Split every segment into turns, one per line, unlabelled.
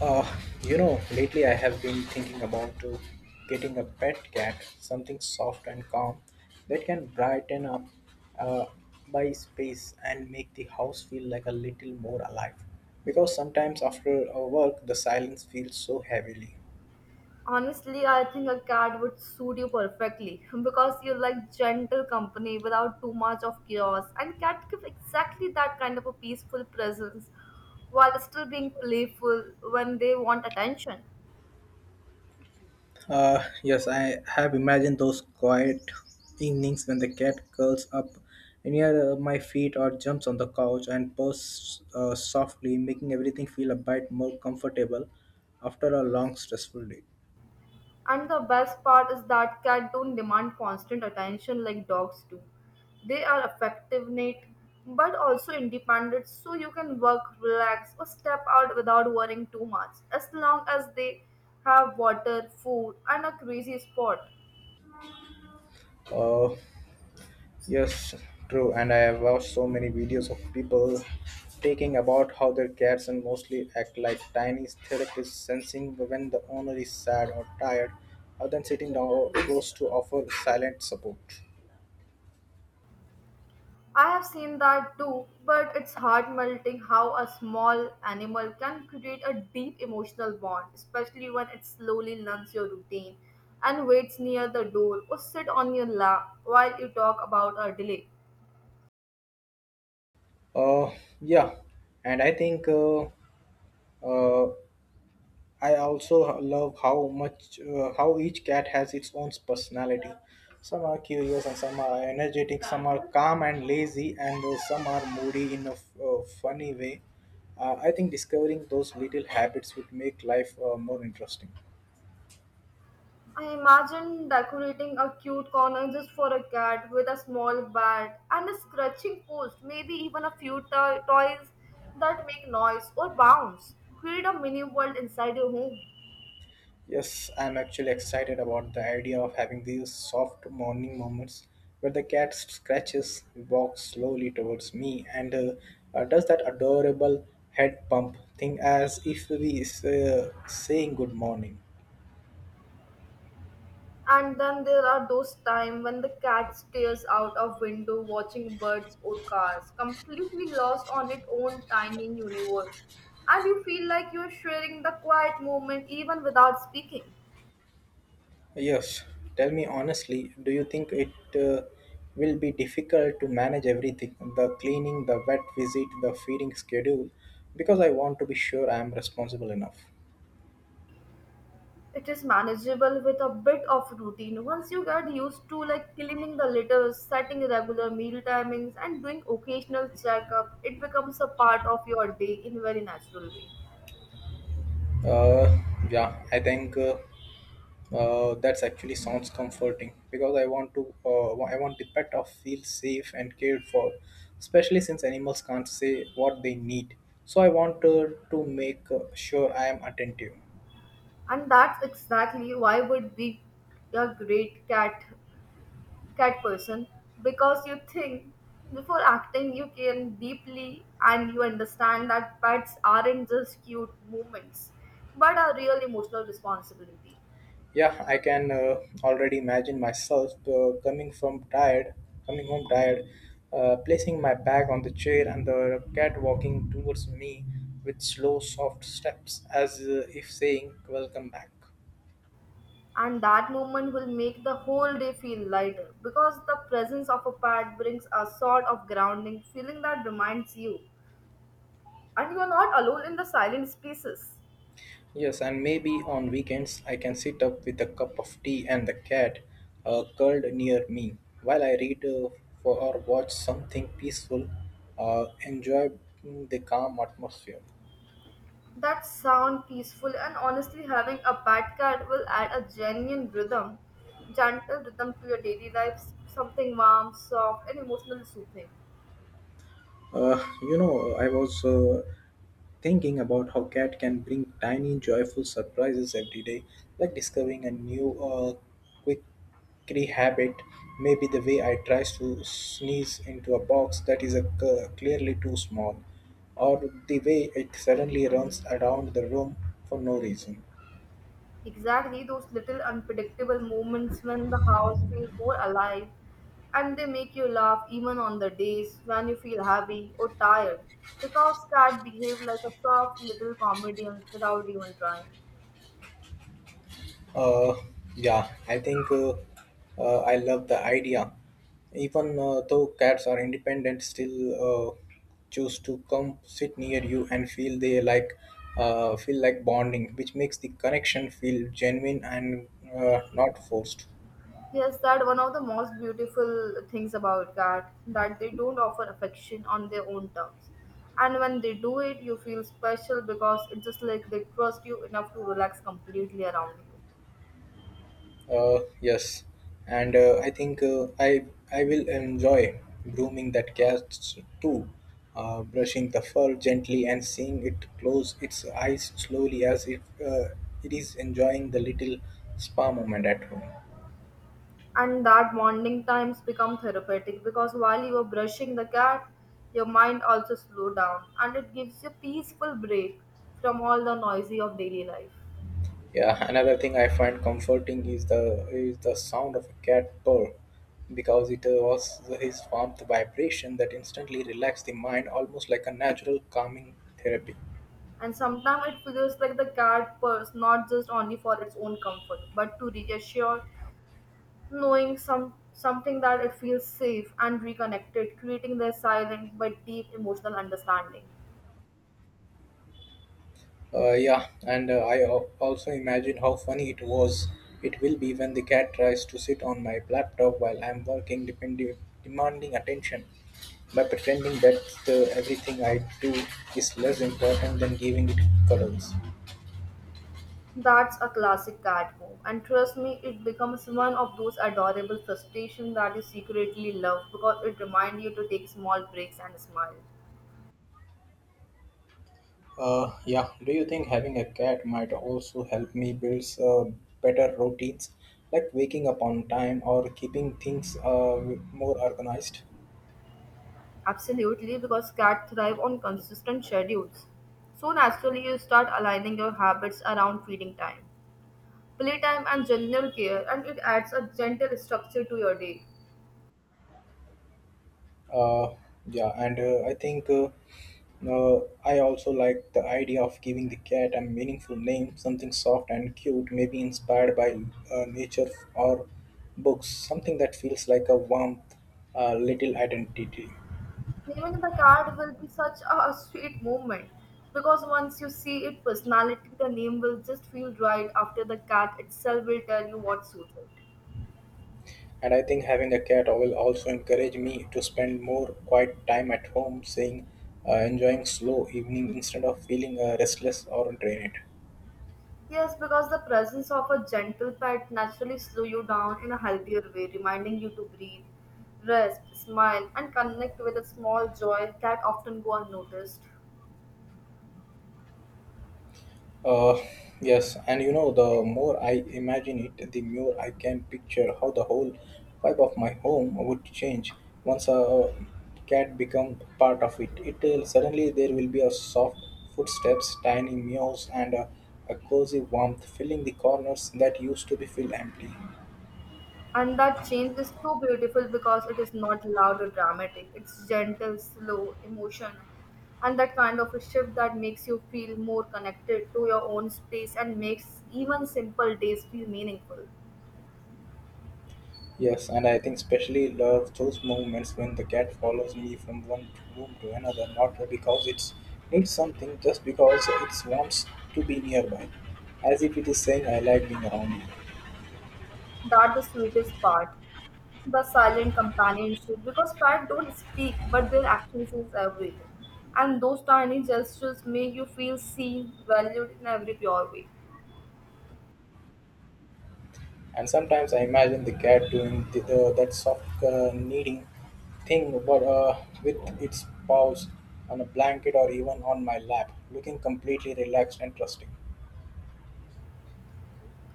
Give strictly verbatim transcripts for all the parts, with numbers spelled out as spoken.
Uh, you know, lately I have been thinking about uh, getting a pet cat, something soft and calm that can brighten up uh, by space and make the house feel like a little more alive. Because sometimes after a work, the silence feels so heavily.
Honestly, I think a cat would suit you perfectly because you like gentle company without too much of chaos. And cat give exactly that kind of a peaceful presence while still being playful when they want attention.
Uh, yes, I have imagined those quiet evenings when the cat curls up near uh, my feet or jumps on the couch and purrs uh, softly, making everything feel a bit more comfortable after a long, stressful day.
And the best part is that cats don't demand constant attention like dogs do. They are affective, Nate, but also independent, so you can work, relax, or step out without worrying too much, as long as they have water, food, and a crazy spot.
Uh, yes, true. And I have watched so many videos of people taking about how their cats and mostly act like tiny therapists, sensing when the owner is sad or tired, other than sitting down close to offer silent support.
I have seen that too, but it's heart melting how a small animal can create a deep emotional bond, especially when it slowly learns your routine and waits near the door or sit on your lap while you talk about a delay.
Uh, yeah, and I think uh, uh, I also love how much uh, how each cat has its own personality. Some are curious and some are energetic. Some are calm and lazy, and uh, some are moody in a f- uh, funny way. Uh, I think discovering those little habits would make life uh, more interesting.
I imagine decorating a cute corner just for a cat with a small bat and a scratching post, maybe even a few to- toys that make noise or bounce. Create a mini world inside your home.
Yes, I'm actually excited about the idea of having these soft morning moments where the cat scratches, walks slowly towards me, and uh, uh, does that adorable head pump thing as if we is uh, saying good morning.
And then there are those times when the cat stares out of window watching birds or cars, completely lost on its own tiny universe. And you feel like you're sharing the quiet moment even without speaking.
Yes, tell me honestly, do you think it uh, will be difficult to manage everything the cleaning, the vet visit, the feeding schedule? Because I want to be sure I am responsible enough.
It is manageable with a bit of routine. Once you get used to like cleaning the litter, setting regular meal timings and doing occasional checkup, it becomes a part of your day in a very natural way.
Uh, yeah, I think. Uh, Uh, That's actually sounds comforting because I want to. Uh, I want the pet to feel safe and cared for, especially since animals can't say what they need. So I want her to make uh, sure I am attentive.
And that's exactly why would be a great cat cat person, because you think before acting, you care deeply, and you understand that pets aren't just cute moments but a real emotional responsibility.
Yeah, I can uh, already imagine myself uh, coming from tired, coming home tired, uh, placing my bag on the chair and the cat walking towards me with slow, soft steps, as uh, if saying, "Welcome back."
And that moment will make the whole day feel lighter, because the presence of a pet brings a sort of grounding feeling that reminds you and you are not alone in the silent spaces.
Yes, and maybe on weekends I can sit up with a cup of tea and the cat uh, curled near me while I read uh, for, or watch something peaceful, uh, enjoy the calm atmosphere.
That sound peaceful, and honestly having a pet cat will add a genuine rhythm, gentle rhythm to your daily life, something warm, soft and emotionally soothing.
Uh, you know, I was uh, thinking about how cat can bring tiny joyful surprises every day, like discovering a new uh, quickie habit, maybe the way I tries to sneeze into a box that is a, c- clearly too small, or the way it suddenly runs around the room for no reason.
Exactly those little unpredictable moments when the house feels more alive and they make you laugh even on the days when you feel happy or tired, because cats behave like a soft little comedians without even trying.
Uh, yeah, I think uh, uh, I love the idea. Even uh, though cats are independent, still uh, choose to come sit near you and feel they like uh, feel like bonding, which makes the connection feel genuine and uh, not forced.
Yes, that one of the most beautiful things about cat, that they don't offer affection on their own terms. And when they do it, you feel special because it's just like they trust you enough to relax completely around you.
Uh, yes, and uh, I think uh, I I will enjoy grooming that cat too, uh, brushing the fur gently and seeing it close its eyes slowly as if uh, it is enjoying the little spa moment at home.
And that bonding times become therapeutic because while you are brushing the cat, your mind also slow down and it gives you a peaceful break from all the noisy of daily life.
Yeah, another thing I find comforting is the is the sound of a cat purr, because it uh, was his warmth vibration that instantly relaxed the mind, almost like a natural calming therapy.
And sometimes it feels like the cat purrs not just only for its own comfort, but to reassure knowing some something that it feels safe and reconnected, creating their silent but deep emotional understanding.
Uh, yeah, and uh, I al- also imagine how funny it was. It will be when the cat tries to sit on my laptop while I'm working, depending, demanding attention by pretending that uh, everything I do is less important than giving it cuddles.
That's a classic cat move, and trust me, it becomes one of those adorable frustrations that you secretly love because it reminds you to take small breaks and smile.
Uh, yeah, do you think having a cat might also help me build uh, better routines, like waking up on time or keeping things uh, more organized?
Absolutely, because cats thrive on consistent schedules. So naturally, you start aligning your habits around feeding time, playtime, and general care, and it adds a gentle structure to your day.
Uh, yeah, and uh, I think uh, uh, I also like the idea of giving the cat a meaningful name, something soft and cute, maybe inspired by uh, nature or books, something that feels like a warmth, a little identity.
Naming the card will be such a sweet moment, because once you see its personality, the name will just feel right. After the cat itself will tell you what suits it.
And I think having a cat will also encourage me to spend more quiet time at home, saying, uh, enjoying slow evening instead of feeling uh, restless or drained.
Yes, because the presence of a gentle pet naturally slow you down in a healthier way, reminding you to breathe, rest, smile, and connect with the small joy that often go unnoticed.
Uh, yes, and you know, the more I imagine it, the more I can picture how the whole vibe of my home would change once a cat become part of it. It will suddenly there will be a soft footsteps, tiny meows, and a, a cozy warmth filling the corners that used to be feel empty.
And that change is so beautiful because it is not loud or dramatic. It's gentle, slow, emotional. And that kind of a shift that makes you feel more connected to your own space and makes even simple days feel meaningful.
Yes, and I think especially love those moments when the cat follows me from one room to another, not because it needs something, just because it wants to be nearby, as if it is saying, I like being around you.
That's the sweetest part. The silent companionship, because pets don't speak, but their actions is everything. And those tiny gestures make you feel seen, valued in every pure way.
And sometimes I imagine the cat doing the, uh, that soft uh, kneading thing but, uh, with its paws on a blanket or even on my lap, looking completely relaxed and trusting.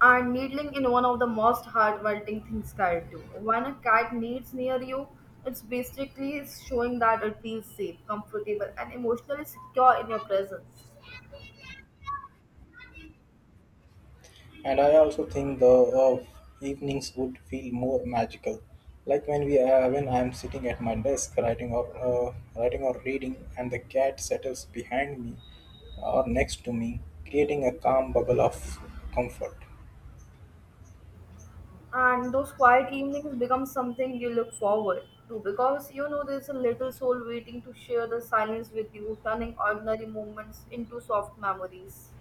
And needling in one of the most heartmelting things cat do. When a cat needs near you, it's basically showing that it feels safe, comfortable, and emotionally secure in your presence.
And I also think the uh, evenings would feel more magical, like when we uh, when I'm sitting at my desk writing or uh, writing or reading, and the cat settles behind me or next to me, creating a calm bubble of comfort.
And those quiet evenings become something you look forward to, because you know there's a little soul waiting to share the silence with you, turning ordinary moments into soft memories.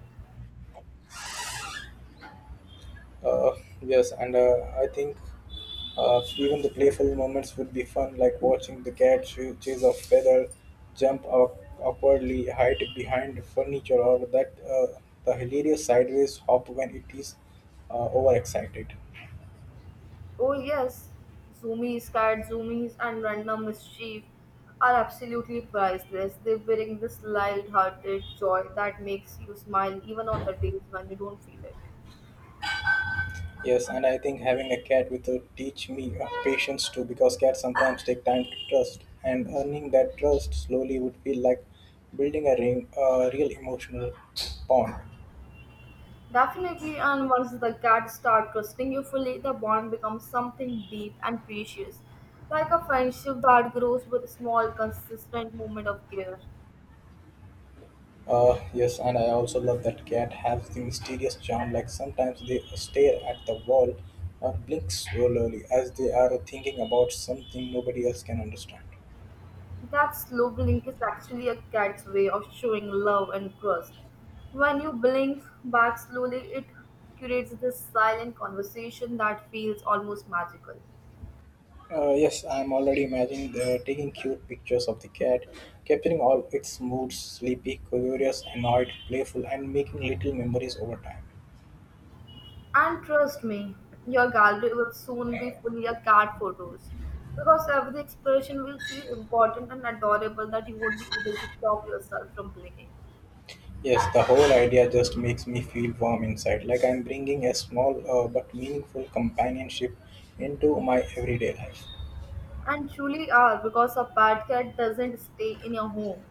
Uh, yes, and uh, I think uh, even the playful moments would be fun, like watching the cat ch- chase a feather, jump up upwardly, hide behind furniture, or that uh, the hilarious sideways hop when it is uh, overexcited.
Oh, yes, zoomies, cat zoomies, and random mischief are absolutely priceless. They bring this light-hearted joy that makes you smile even on the days when you don't feel it.
Yes, and I think having a cat will teach me uh, patience too, because cats sometimes take time to trust, and earning that trust slowly would feel like building a ring, a real emotional bond.
Definitely, and once the cats start trusting you fully, the bond becomes something deep and precious, like a friendship that grows with a small, consistent movement of care.
Uh, yes, and I also love that cat has the mysterious charm. Like sometimes they stare at the wall or blink slowly as they are thinking about something nobody else can understand.
That slow blink is actually a cat's way of showing love and trust. When you blink back slowly, it creates this silent conversation that feels almost magical.
Uh, yes, I'm already imagining the, taking cute pictures of the cat, capturing all its moods sleepy, curious, annoyed, playful, and making little memories over time.
And trust me, your gallery will soon be fully of cat photos, because every expression will feel important and adorable that you won't be able to stop yourself from blinking.
Yes, the whole idea just makes me feel warm inside, like I'm bringing a small uh, but meaningful companionship into my everyday life.
And truly are, because a pet cat doesn't stay in your home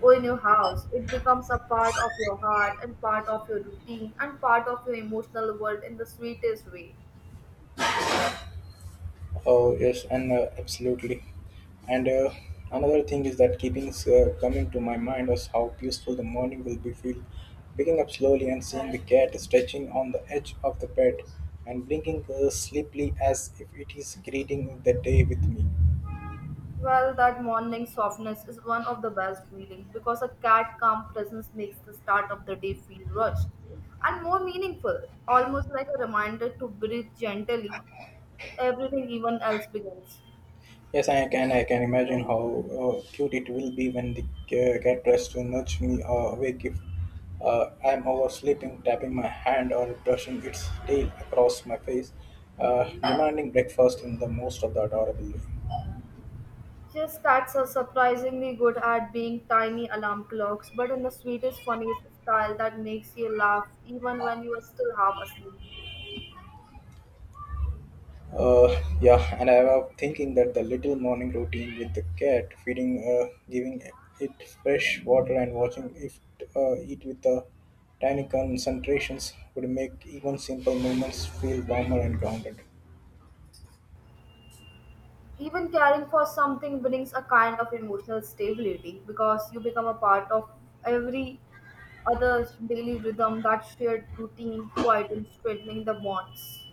or in your house. It becomes a part of your heart and part of your routine and part of your emotional world in the sweetest way.
Oh yes, and uh, absolutely. And uh, Another thing is that keeping uh, coming to my mind was how peaceful the morning will be. Feel waking up slowly and seeing the cat stretching on the edge of the bed and blinking uh, sleepily as if it is greeting the day with me.
Well, that morning softness is one of the best feelings, because a cat calm presence makes the start of the day feel rushed and more meaningful, almost like a reminder to breathe gently. Everything, even else, begins.
Yes, I can. I can imagine how uh, cute it will be when the ca- cat tries to nudge me uh, awake if uh, I'm oversleeping, tapping my hand or brushing its tail across my face, uh, demanding breakfast in the most of the adorable way.
Yes, cats are surprisingly good at being tiny alarm clocks, but in the sweetest, funniest style that makes you laugh even when you are still half asleep.
Uh, yeah, and I was thinking that the little morning routine with the cat, feeding, uh, giving it fresh water, and watching it uh, eat with the tiny concentrations would make even simple movements feel warmer and grounded.
Even caring for something brings a kind of emotional stability, because you become a part of every other daily rhythm, that shared routine, quiet and strengthening the bonds.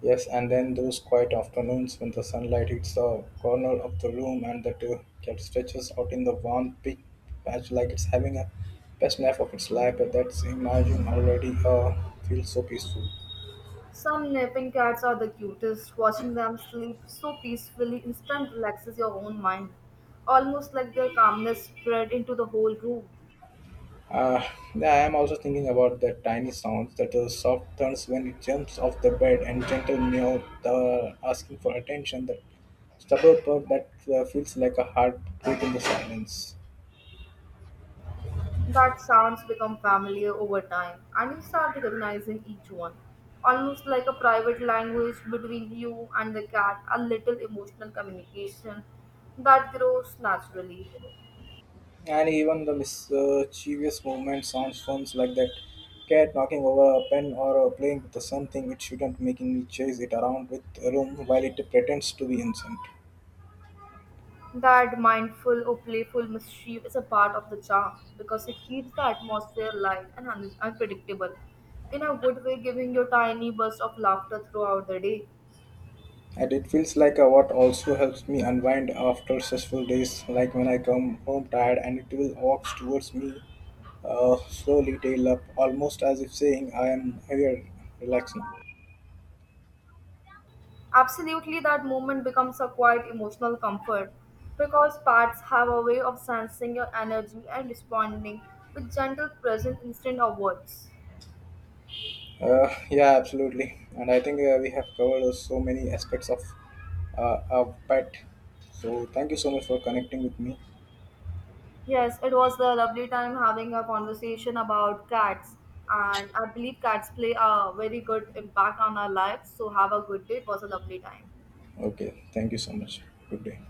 Yes, and then those quiet afternoons when the sunlight hits the corner of the room and the t- cat stretches out in the warm big patch like it's having a best nap of its life. But that's imagine already uh, feels so peaceful.
Some napping cats are the cutest. Watching them sleep so peacefully instant relaxes your own mind, almost like their calmness spread into the whole room.
Uh, yeah, I am also thinking about the tiny sounds that the soft turns when it jumps off the bed and gentle meow the asking for attention that stubborn purr that uh, feels like a heartbeat in the silence.
That sounds become familiar over time, and you start recognizing each one, almost like a private language between you and the cat, a little emotional communication that grows naturally.
And even the mischievous movement sounds, films like that cat knocking over a pen or uh, playing with something it shouldn't, making me chase it around with a room while it pretends to be innocent.
That mindful or playful mischief is a part of the charm, because it keeps the atmosphere light and un- unpredictable in a good way, giving you tiny bursts of laughter throughout the day.
And it feels like uh, what also helps me unwind after stressful days, like when I come home tired and it will walk towards me uh, slowly, tail up, almost as if saying, I am here, relax now.
Absolutely, that moment becomes a quiet emotional comfort, because pets have a way of sensing your energy and responding with gentle presence instead of words.
Uh, yeah, absolutely. And I think uh, we have covered uh, so many aspects of uh, our pet. So thank you so much for connecting with me.
Yes, it was a lovely time having a conversation about cats, and I believe cats play a very good impact on our lives. So have a good day. It was a lovely time.
Okay, thank you so much. Good day.